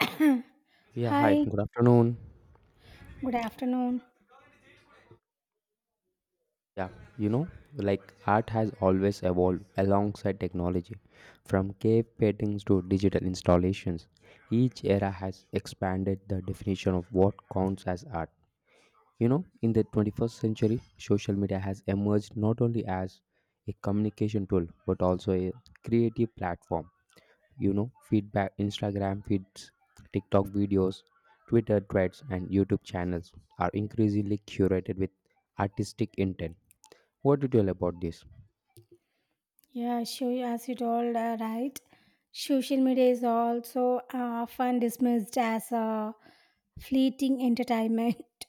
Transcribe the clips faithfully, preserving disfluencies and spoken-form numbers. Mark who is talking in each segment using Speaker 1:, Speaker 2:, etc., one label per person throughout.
Speaker 1: Yeah, hi,
Speaker 2: Hi,
Speaker 1: good afternoon.
Speaker 2: good afternoon.
Speaker 1: Yeah, you know, like art has always evolved alongside technology. From cave paintings to digital installations, each era has expanded the definition of what counts as art. You know, in the twenty-first century, social media has emerged not only as a communication tool but also a creative platform. You know feedback, Instagram feeds, TikTok videos, Twitter threads and YouTube channels are increasingly curated with artistic intent. What do you tell about this?
Speaker 2: Yeah, sure, as you told, uh, right? Social media is also uh, often dismissed as a fleeting entertainment.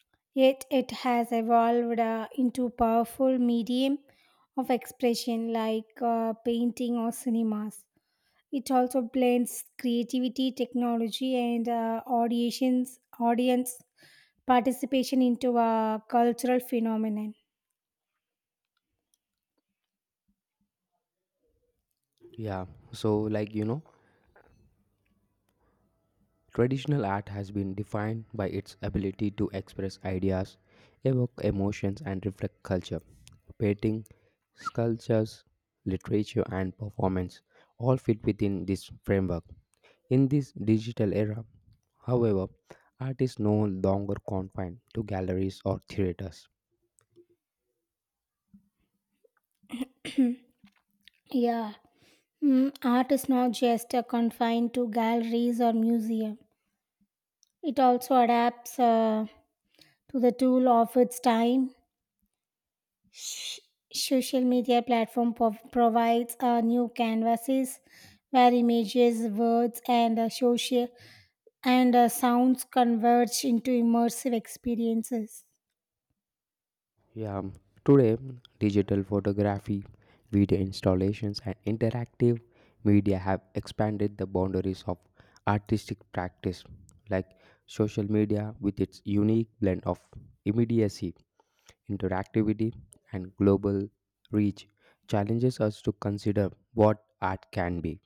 Speaker 2: Yet it has evolved uh, into powerful medium of expression like uh, painting or cinemas. It also blends creativity, technology, and uh, auditions, audience participation into a cultural phenomenon.
Speaker 1: yeah so like you know Traditional art has been defined by its ability to express ideas, evoke emotions, and reflect culture. Painting, sculptures, literature, and performance all fit within this framework. In this digital era, however, art is no longer confined to galleries or theaters.
Speaker 2: Yeah. Mm, art is not just uh, confined to galleries or museums. It also adapts uh, to the tool of its time. Sh- social media platform pov- provides uh, new canvases where images, words, and uh, social and uh, sounds converge into immersive experiences.
Speaker 1: Yeah, um, Today digital photography, video installations, and interactive media have expanded the boundaries of artistic practice, like social media with its unique blend of immediacy, interactivity, and global reach, challenges us to consider what art can be.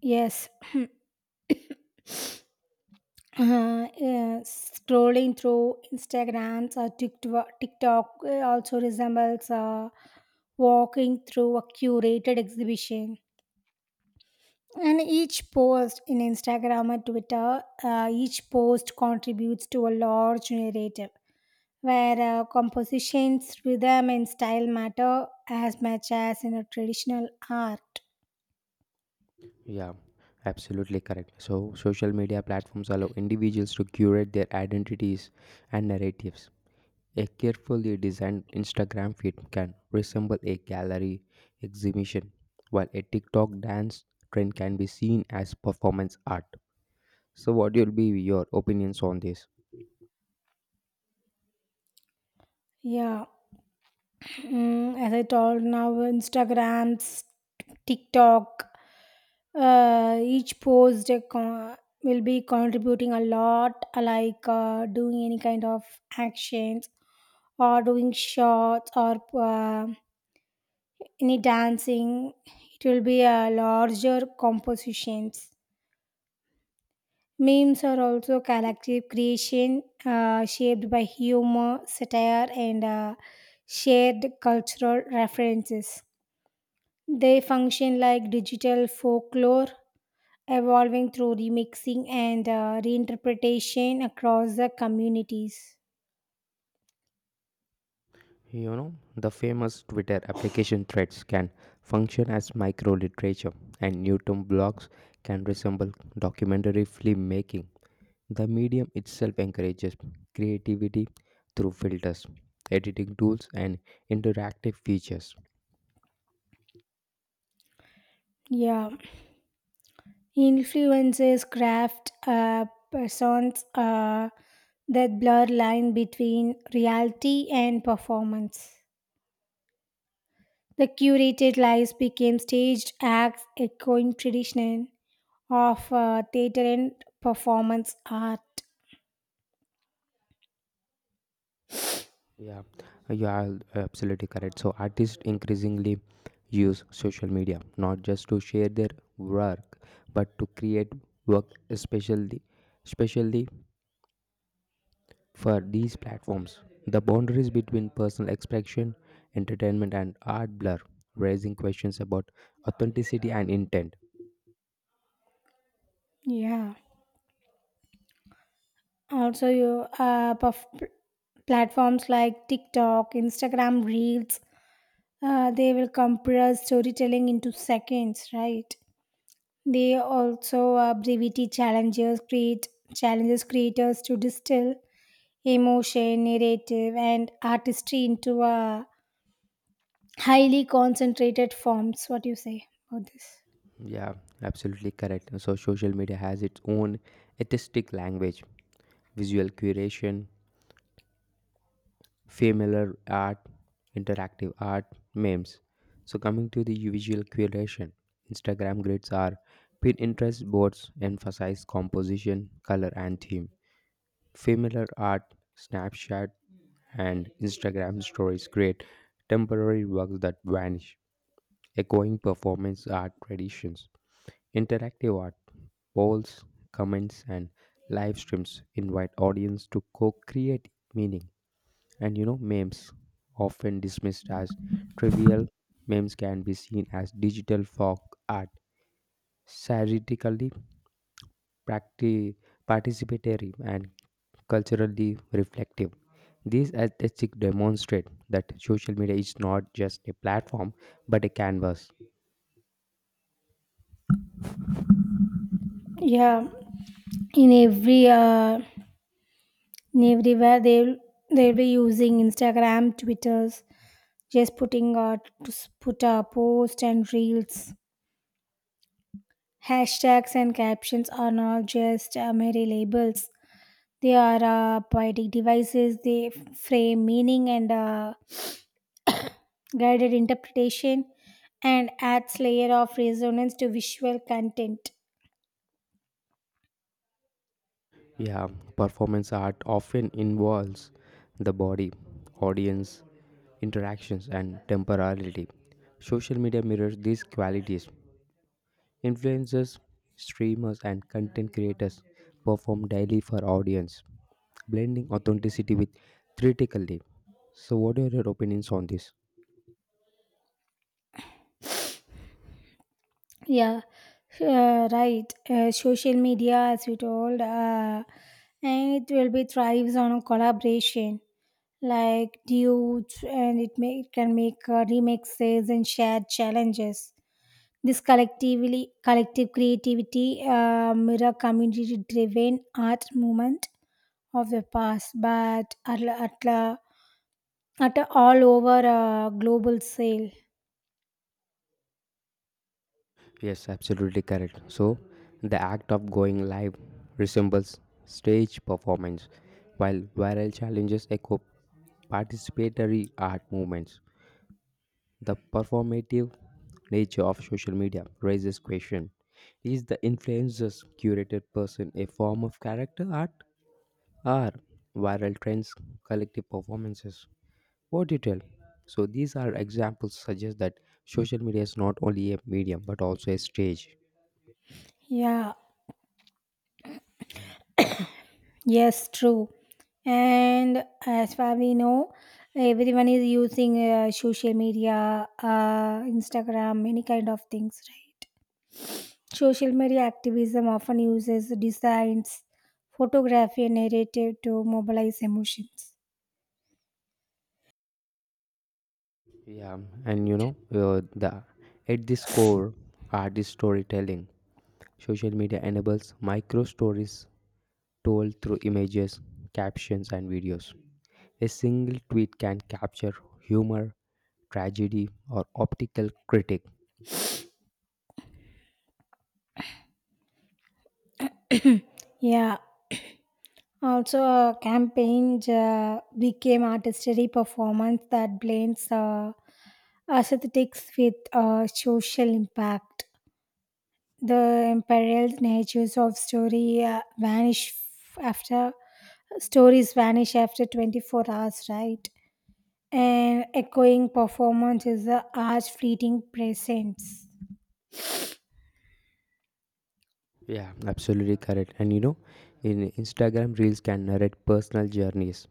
Speaker 2: Yes. uh, yeah, scrolling through Instagrams or TikTok, TikTok uh, also resembles uh, walking through a curated exhibition. And each post in Instagram or Twitter, uh, each post contributes to a large narrative where uh, compositions, rhythm, and style matter as much as in a traditional art.
Speaker 1: Yeah, absolutely correct. So, social media platforms allow individuals to curate their identities and narratives. A carefully designed Instagram feed can resemble a gallery exhibition, while a TikTok dance trend can be seen as performance art. So, what will be your opinions on this?
Speaker 2: Yeah. Mm, as I told now, Instagrams, TikTok, uh, each post a con- will be contributing a lot, uh, like uh, doing any kind of actions or doing shots or uh, any dancing. It will be a larger compositions. Memes are also collective creation uh, shaped by humor, satire, and uh, shared cultural references. They function like digital folklore, evolving through remixing and uh, reinterpretation across the communities.
Speaker 1: You know, the famous Twitter application threads can function as micro literature, and Newton blogs can resemble documentary film making. The medium itself encourages creativity through filters, editing tools, and interactive features.
Speaker 2: Yeah, influences craft uh, persons uh, that blur line between reality and performance. The curated lives became staged acts echoing tradition of uh, theater and performance art.
Speaker 1: Yeah, you are absolutely correct. So artists increasingly use social media not just to share their work but to create work especially especially for these platforms. The boundaries between personal expression, entertainment and art blur, raising questions about authenticity and intent.
Speaker 2: Yeah. Also, you uh, puff- platforms like TikTok, Instagram reels, uh, they will compress storytelling into seconds, right? They also, uh, brevity challenges create challenges creators to distill emotion, narrative, and artistry into a highly concentrated forms. What do you say about this?
Speaker 1: Yeah, absolutely correct. So social media has its own artistic language, visual curation, familiar art, interactive art, memes. So, coming to the visual curation, Instagram grids are Pinterest boards emphasize composition, color, and theme. Familiar art, Snapchat, and Instagram stories create temporary works that vanish, echoing performance art traditions. Interactive art, polls, comments, and live streams invite audience to co create meaning. And you know, memes, often dismissed as trivial, memes can be seen as digital folk art, satirically practi- participatory and culturally reflective. These aesthetics demonstrate that social media is not just a platform but a canvas.
Speaker 2: Yeah, in every uh, in everywhere, they'll they'll be using Instagram, Twitters, just putting out put a post and reels. Hashtags and captions are not just uh, mere labels. They are uh, poetic devices. They frame meaning and, uh, guided interpretation, and adds layer of resonance to visual content.
Speaker 1: Yeah, performance art often involves the body, audience, interactions, and temporality. Social media mirrors these qualities. Influencers, streamers, and content creators perform daily for audience, blending authenticity with criticality. So, what are your opinions on this?
Speaker 2: Yeah, uh, right. Uh, social media, as we told, uh, and it will be thrives on collaboration, like dudes, and it, may, it can make uh, remixes and shared challenges. This collectively collective creativity uh, mirror community driven art movement of the past, but at, la- at, la- at a all over uh, global sale.
Speaker 1: Yes, absolutely correct. So, the act of going live resembles stage performance, while viral challenges echo participatory art movements. The performative nature of social media raises question: Is the influencer's curated person a form of character art, are viral trends, collective performances, O T T L. So these are examples suggest that social media is not only a medium but also a stage.
Speaker 2: Yeah. Yes, true. And as far we know, everyone is using uh, social media, uh, Instagram, many kind of things, right? Social media activism often uses designs, photography, and narrative to mobilize emotions.
Speaker 1: Yeah, and you know uh, The at this core artist storytelling. Social media enables micro stories told through images, captions, and videos. A single tweet can capture humor, tragedy, or optical critic.
Speaker 2: Yeah. Also, uh, campaigns uh, became artistry performance that blends uh, aesthetics with uh, social impact. The imperiled natures of story uh, vanish f- after stories vanish after twenty-four hours, right? And echoing performance is the art's fleeting presence.
Speaker 1: Yeah, absolutely correct. And you know, in Instagram reels can narrate personal journeys.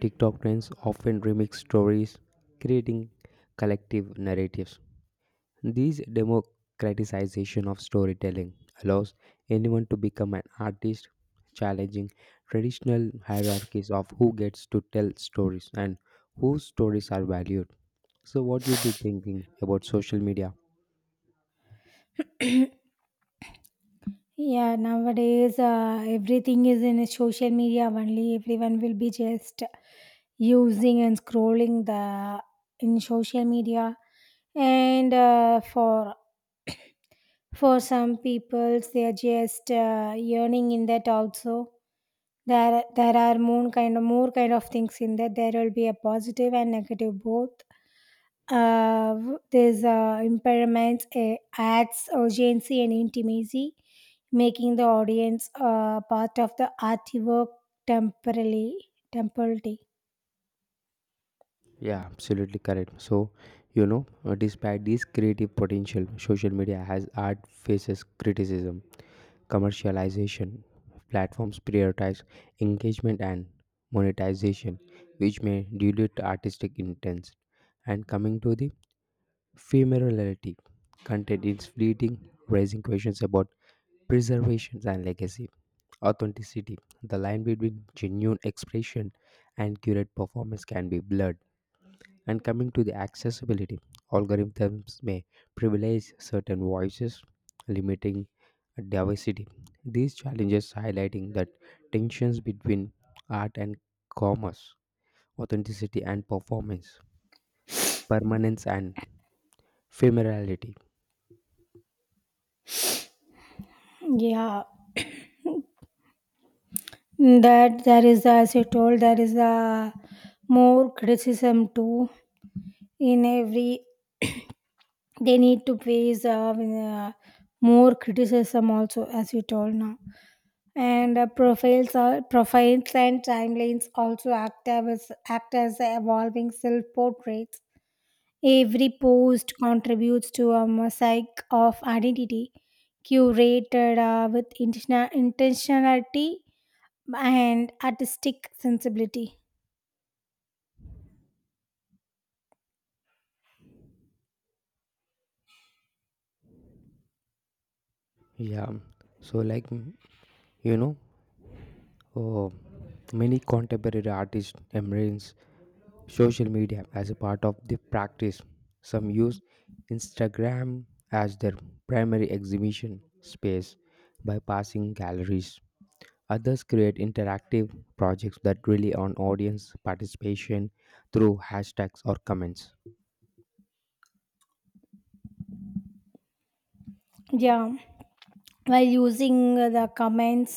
Speaker 1: TikTok trends often remix stories, creating collective narratives. This democratization of storytelling allows anyone to become an artist, challenging traditional hierarchies of who gets to tell stories and whose stories are valued. So, what you be thinking about social media?
Speaker 2: Yeah, nowadays uh, everything is in social media only. Everyone will be just using and scrolling the in social media, and uh, for For some people, they are just uh, yearning in that also. There, there are more kind of more kind of things in that. There will be a positive and negative both. Uh, there's uh, impairments, uh, adds urgency and intimacy, making the audience uh, part of the artwork temporarily, temporarily.
Speaker 1: Yeah, absolutely correct. So, you know, uh, despite this creative potential, social media has art faces criticism, commercialization. Platforms prioritize engagement and monetization, which may dilute artistic intent. And coming to the ephemerality, content is fleeting, raising questions about preservation and legacy, authenticity. The line between genuine expression and curated performance can be blurred, and coming to the accessibility, algorithms may privilege certain voices, limiting diversity. These challenges highlighting that tensions between art and commerce, authenticity and performance, permanence and ephemerality.
Speaker 2: Yeah, that there is, as you told, there is a more criticism too. In every, they need to face, uh, uh, more criticism also, as you told now. And uh, profiles are profiles, and timelines also act as act as evolving self portraits. Every post contributes to a mosaic of identity, curated uh, with intentional intentionality and artistic sensibility.
Speaker 1: Yeah, so like mm, you know, uh, Many contemporary artists embrace social media as a part of the practice. Some use Instagram as their primary exhibition space by passing galleries. Others create interactive projects that rely on audience participation through hashtags or comments.
Speaker 2: Yeah, while using the comments,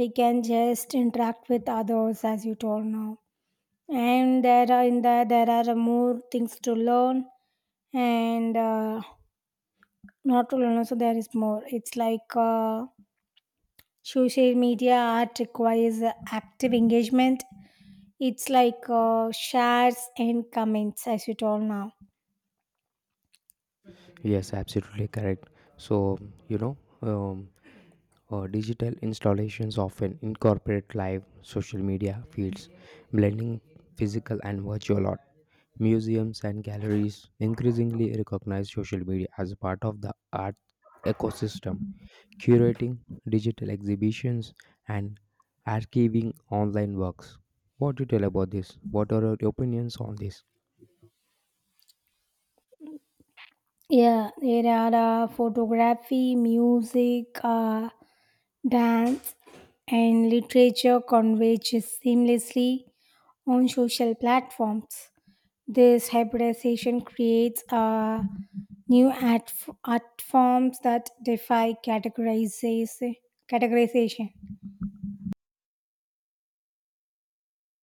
Speaker 2: we can just interact with others, as you told now. And there are in there there are more things to learn, and uh, not to learn also. There is more. It's like uh, social media art requires active engagement. It's like uh, shares and comments, as you told now.
Speaker 1: Yes, absolutely correct. So, you know, um, uh, digital installations often incorporate live social media feeds, blending physical and virtual art. Museums and galleries increasingly recognize social media as a part of the art ecosystem, curating digital exhibitions and archiving online works. What do you tell about this? What are your opinions on this?
Speaker 2: Yeah, there are uh, photography, music, uh, dance, and literature converges seamlessly on social platforms. This hybridization creates uh, new art, f- art forms that defy categorization. categorization.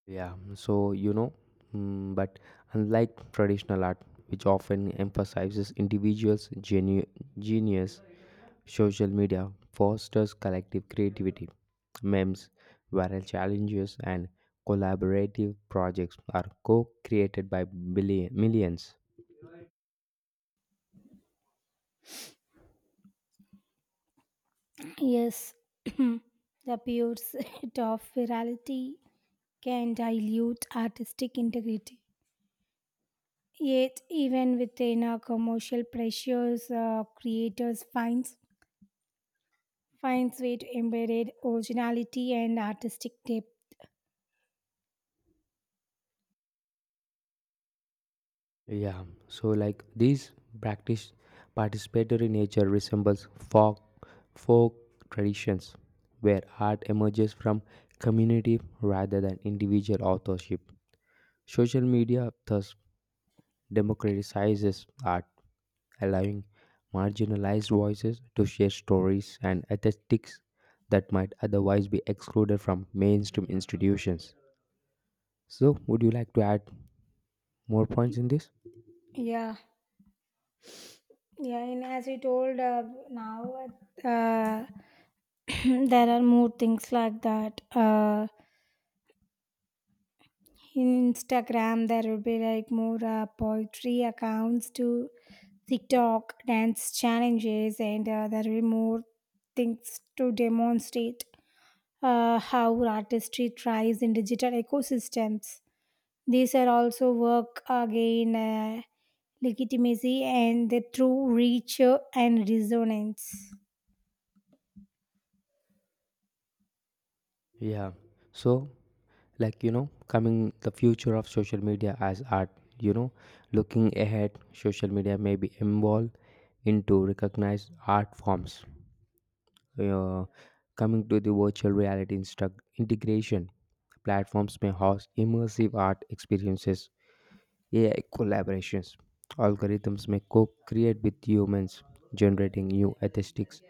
Speaker 1: Yeah, so you know, mm, but unlike traditional art, which often emphasizes individuals' genu- genius, social media fosters collective creativity. Memes, viral challenges, and collaborative projects are co created by billion, millions.
Speaker 2: Yes. The pursuit of virality can dilute artistic integrity. Yet, even within our commercial pressures, uh, creators finds finds way to embed originality and artistic depth.
Speaker 1: Yeah, so like this practice participatory nature resembles folk folk traditions where art emerges from community rather than individual authorship. Social media thus democratizes art, allowing marginalized voices to share stories and aesthetics that might otherwise be excluded from mainstream institutions. So, would you like to add more points in this?
Speaker 2: Yeah, yeah, and as we told, uh, now, uh, there are more things like that. Uh, in Instagram, there will be like more uh, poetry accounts to TikTok dance challenges, and uh, there will be more things to demonstrate uh, how artistry thrives in digital ecosystems. These are also work again uh, legitimacy and the true reach and resonance.
Speaker 1: Yeah. So, like you know, Coming the future of social media as art, you know, looking ahead, social media may be involved into recognized art forms. Uh, Coming to the virtual reality instru- integration, platforms may host immersive art experiences, A I collaborations. Algorithms may co create with humans, generating new aesthetics.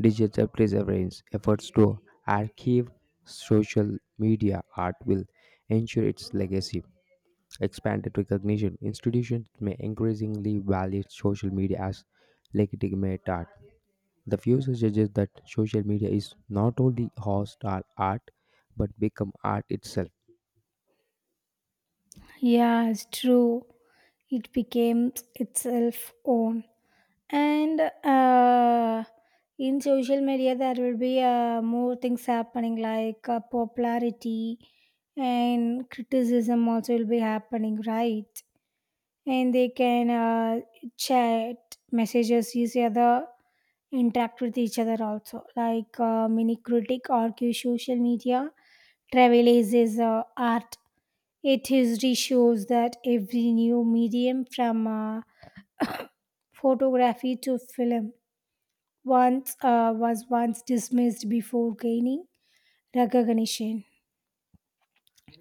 Speaker 1: Digital preservance efforts to archive social media art will ensure its legacy. Expanded recognition institutions may increasingly value social media as legitimate art. The view suggests that social media is not only host our art but become art itself.
Speaker 2: Yeah, it's true. It became itself own. And uh, in social media, there will be uh, more things happening, like uh, popularity and criticism also will be happening, right? And they can uh, chat messages each other, interact with each other also. Like uh, mini critic argue social media travelizes uh, art. It history shows that every new medium, from uh, photography to film, once uh, was once dismissed before gaining recognition.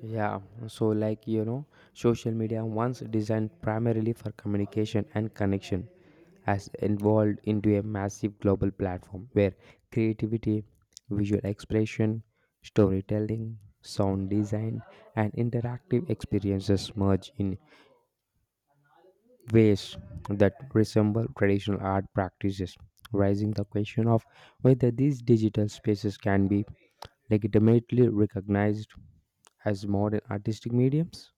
Speaker 1: Yeah, so like you know, Social media once designed primarily for communication and connection has evolved into a massive global platform where creativity, visual expression, storytelling, sound design, and interactive experiences merge in ways that resemble traditional art practices, raising the question of whether these digital spaces can be legitimately recognized as modern artistic mediums?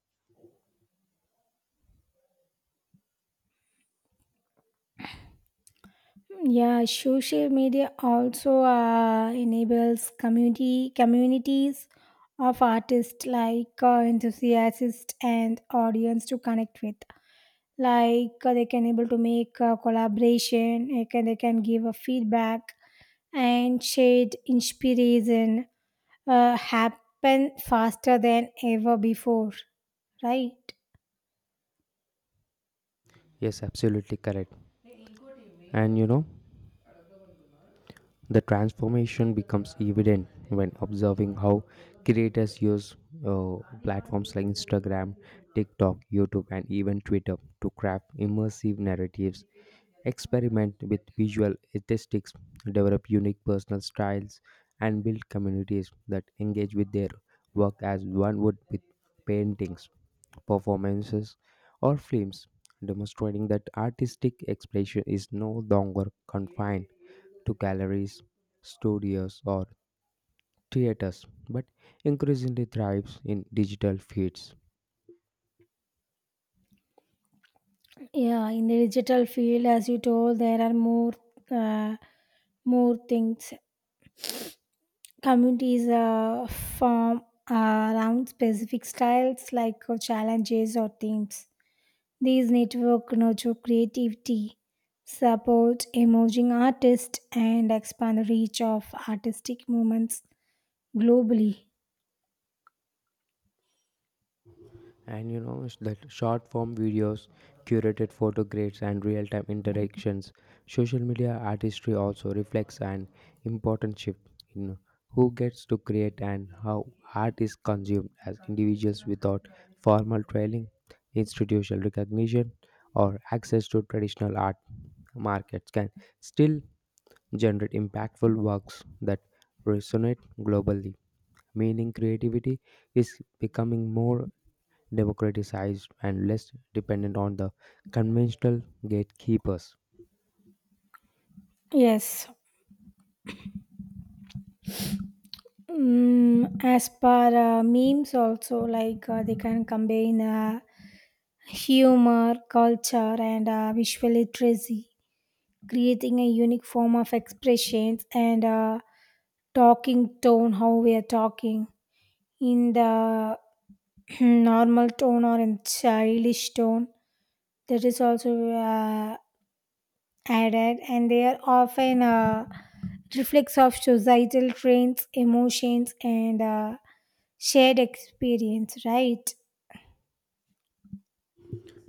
Speaker 2: Yeah, social media also uh, enables community communities of artists, like uh, enthusiasts and audience to connect with. Like uh, they can able to make a collaboration. They can, they can give a feedback, and shared inspiration uh, happen faster than ever before, right?
Speaker 1: Yes, absolutely correct. And you know, the transformation becomes evident when observing how creators use uh, platforms like Instagram, TikTok, YouTube, and even Twitter to craft immersive narratives. Experiment with visual aesthetics, develop unique personal styles, and build communities that engage with their work as one would with paintings, performances, or films, demonstrating that artistic expression is no longer confined to galleries, studios, or theaters, but increasingly thrives in digital feeds.
Speaker 2: Yeah, in the digital field, as you told, there are more uh, more things. Communities uh, form uh, around specific styles, like uh, challenges or themes. These network nurture creativity, support emerging artists, and expand the reach of artistic movements globally.
Speaker 1: And you know sh- That short form videos, curated photo grids, and real time interactions. Social media artistry also reflects an important shift in who gets to create and how art is consumed as individuals without formal training, institutional recognition, or access to traditional art markets can still generate impactful works that resonate globally. Meaning, creativity is becoming more democratized, and less dependent on the conventional gatekeepers.
Speaker 2: Yes. Mm, as per uh, memes also, like uh, they can combine uh, humor, culture, and uh, visual literacy, creating a unique form of expressions, and uh, talking tone, how we are talking in the normal tone or in childish tone. That is also uh, added, and they are often uh, reflex of societal trends, emotions, and uh, shared experience, right?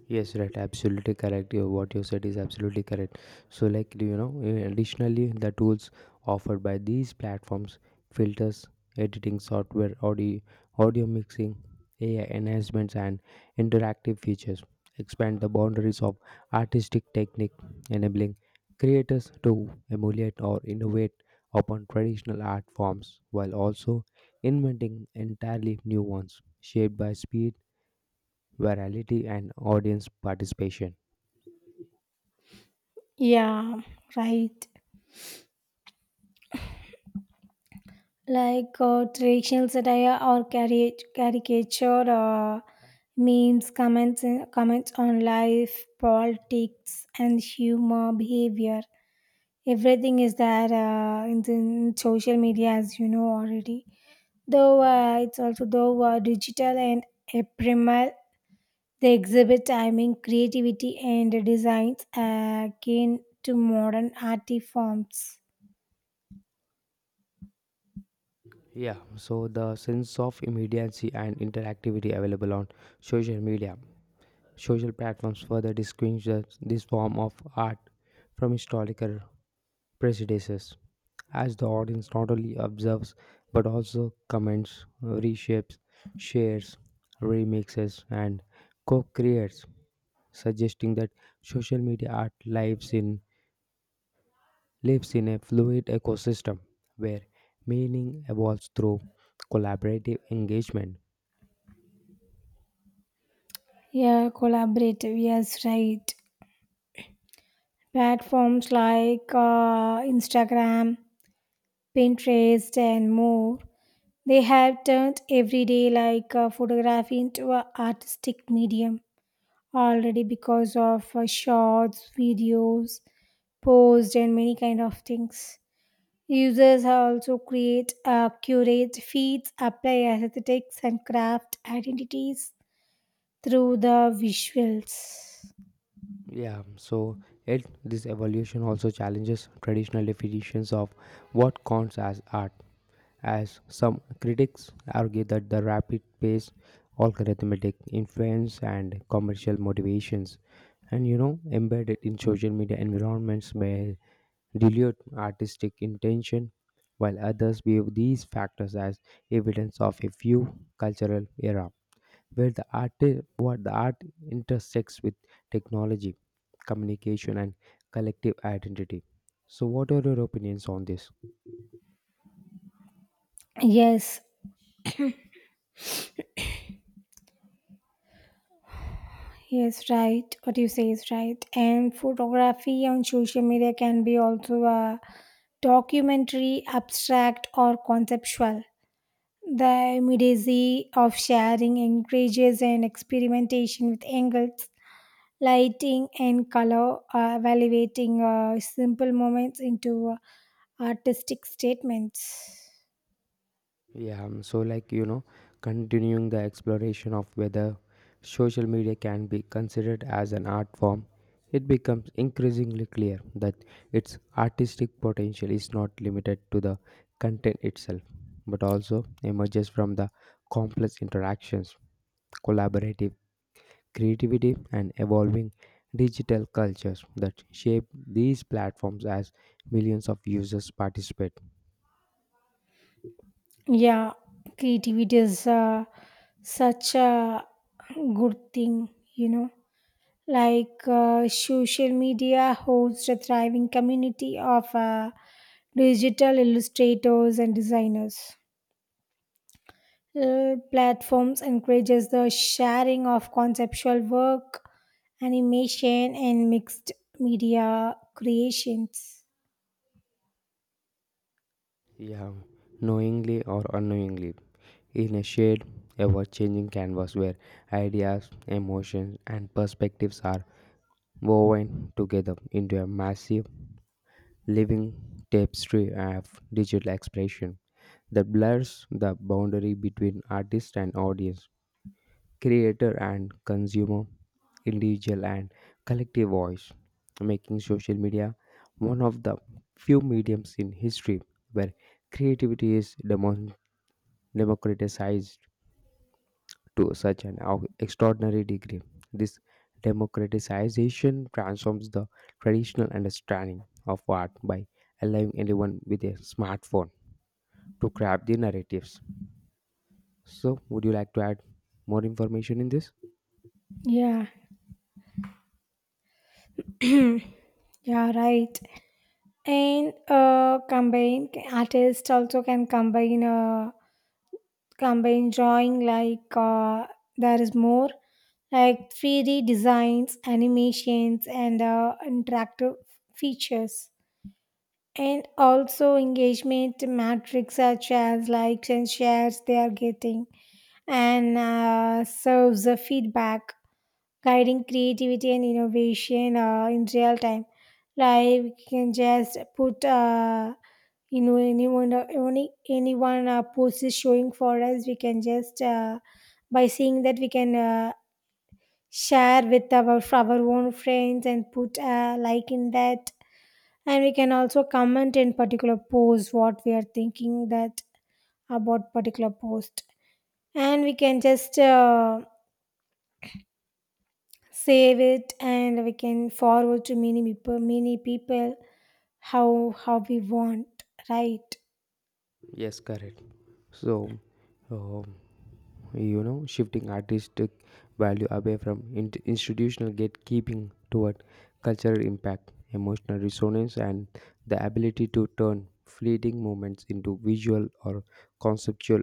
Speaker 1: Yes, right. Absolutely correct. Yeah, what you said is absolutely correct. So, like you know, eh, additionally, the tools offered by these platforms, filters, editing software, audio, audio mixing, A I enhancements, and interactive features, expand the boundaries of artistic technique, enabling creators to emulate or innovate upon traditional art forms while also inventing entirely new ones shaped by speed, virality and audience participation.
Speaker 2: Yeah, right. Like uh, traditional satire or cari- caricature. Uh, memes comments, uh, comments on life, politics, and humor behavior. Everything is there, uh, in, the- in social media, as you know already. Though uh, it's also, though uh, digital and ephemeral, they exhibit timing, creativity, and designs akin to modern art forms.
Speaker 1: Yeah, so the sense of immediacy and interactivity available on social media. Social platforms further distinguish this this form of art from historical prejudices, as the audience not only observes but also comments, reshapes, shares, remixes, and co-creates, suggesting that social media art lives in lives in a fluid ecosystem where meaning evolves through collaborative engagement.
Speaker 2: Yeah, collaborative, yes, right. Platforms like uh, Instagram, Pinterest, and more. They have turned everyday like uh, photography into an artistic medium already, because of uh, shots, videos, posts, and many kind of things. Users also create, uh, curate feeds, apply aesthetics, and craft identities through the visuals.
Speaker 1: Yeah, so it This evolution also challenges traditional definitions of what counts as art, as some critics argue that the rapid pace, algorithmic influence, and commercial motivations, and you know, embedded in social media environments may dilute artistic intention, while others view these factors as evidence of a few cultural era where the art what the art intersects with technology, communication and collective identity. So what are your opinions on this?
Speaker 2: Yes, yes, right. What you say is right. And photography on social media can be also a documentary, abstract, or conceptual. The immediacy of sharing encourages and experimentation with angles, lighting, and color, uh, evaluating uh, simple moments into uh, artistic statements.
Speaker 1: yeah um, so like you know Continuing the exploration of whether social media can be considered as an art form, it becomes increasingly clear that its artistic potential is not limited to the content itself but also emerges from the complex interactions, collaborative creativity, and evolving digital cultures that shape these platforms as millions of users participate.
Speaker 2: Yeah, creativity is uh, such a good thing, you know. Like uh, social media hosts a thriving community of uh, digital illustrators and designers. Uh, platforms encourages the sharing of conceptual work, animation, and mixed media creations.
Speaker 1: Yeah, knowingly or unknowingly, in a shared, ever changing canvas where ideas, emotions, and perspectives are woven together into a massive, living tapestry of digital expression that blurs the boundary between artist and audience, creator and consumer, individual and collective voice, making social media one of the few mediums in history where creativity is demon- democratized to such an au- extraordinary degree. This democratization transforms the traditional understanding of art by allowing anyone with a smartphone to craft the narratives. So, would you like to add more information in this?
Speaker 2: Yeah. Yeah, right. And uh combine artists also can combine, uh, combine drawing, like uh, there is more, like three D designs, animations, and uh, interactive features. And also engagement metrics, such as likes and shares they are getting, and uh, serves the feedback, guiding creativity and innovation uh, in real time. Like we can just put, uh, you know anyone any anyone uh, post is showing for us, we can just, uh, by seeing that, we can uh, share with our our own friends and put a like in that, and we can also comment in particular post what we are thinking that about particular post, and we can just. Uh, save it, and we can forward to many people many people how how we want, right?
Speaker 1: Yes, correct. So, um, you know, shifting artistic value away from in- institutional gatekeeping toward cultural impact, emotional resonance, and the ability to turn fleeting moments into visual or conceptual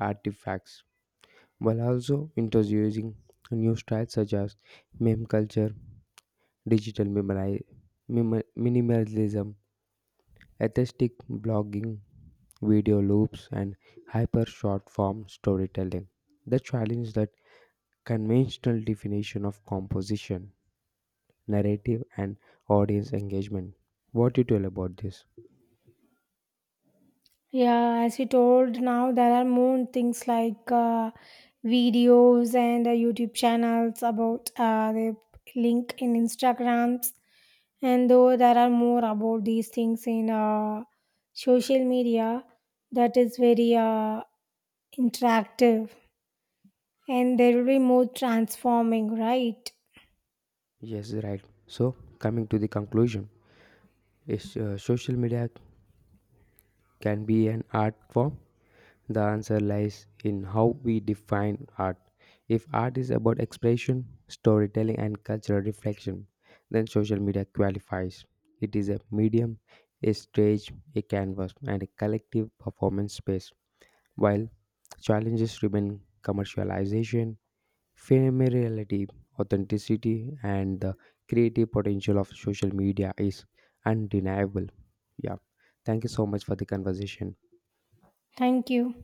Speaker 1: artifacts, while also introducing new styles such as meme culture, digital memori- mem- minimalism, aesthetic blogging, video loops, and hyper short form storytelling. The challenge that conventional definition of composition, narrative, and audience engagement. What you tell about this?
Speaker 2: Yeah, as you told now, there are more things like uh, videos and uh, YouTube channels about uh, the link in Instagrams, and though there are more about these things in uh, social media, that is very uh, interactive, and there will be more transforming, right?
Speaker 1: Yes, right. So, coming to the conclusion, is uh, social media can be an art form. The answer lies in how we define art. If art is about expression, storytelling, and cultural reflection, then social media qualifies. It is a medium, a stage, a canvas, and a collective performance space. While challenges remain commercialization, familiarity, authenticity, and the creative potential of social media is undeniable. Yeah. Thank you so much for the conversation.
Speaker 2: Thank you.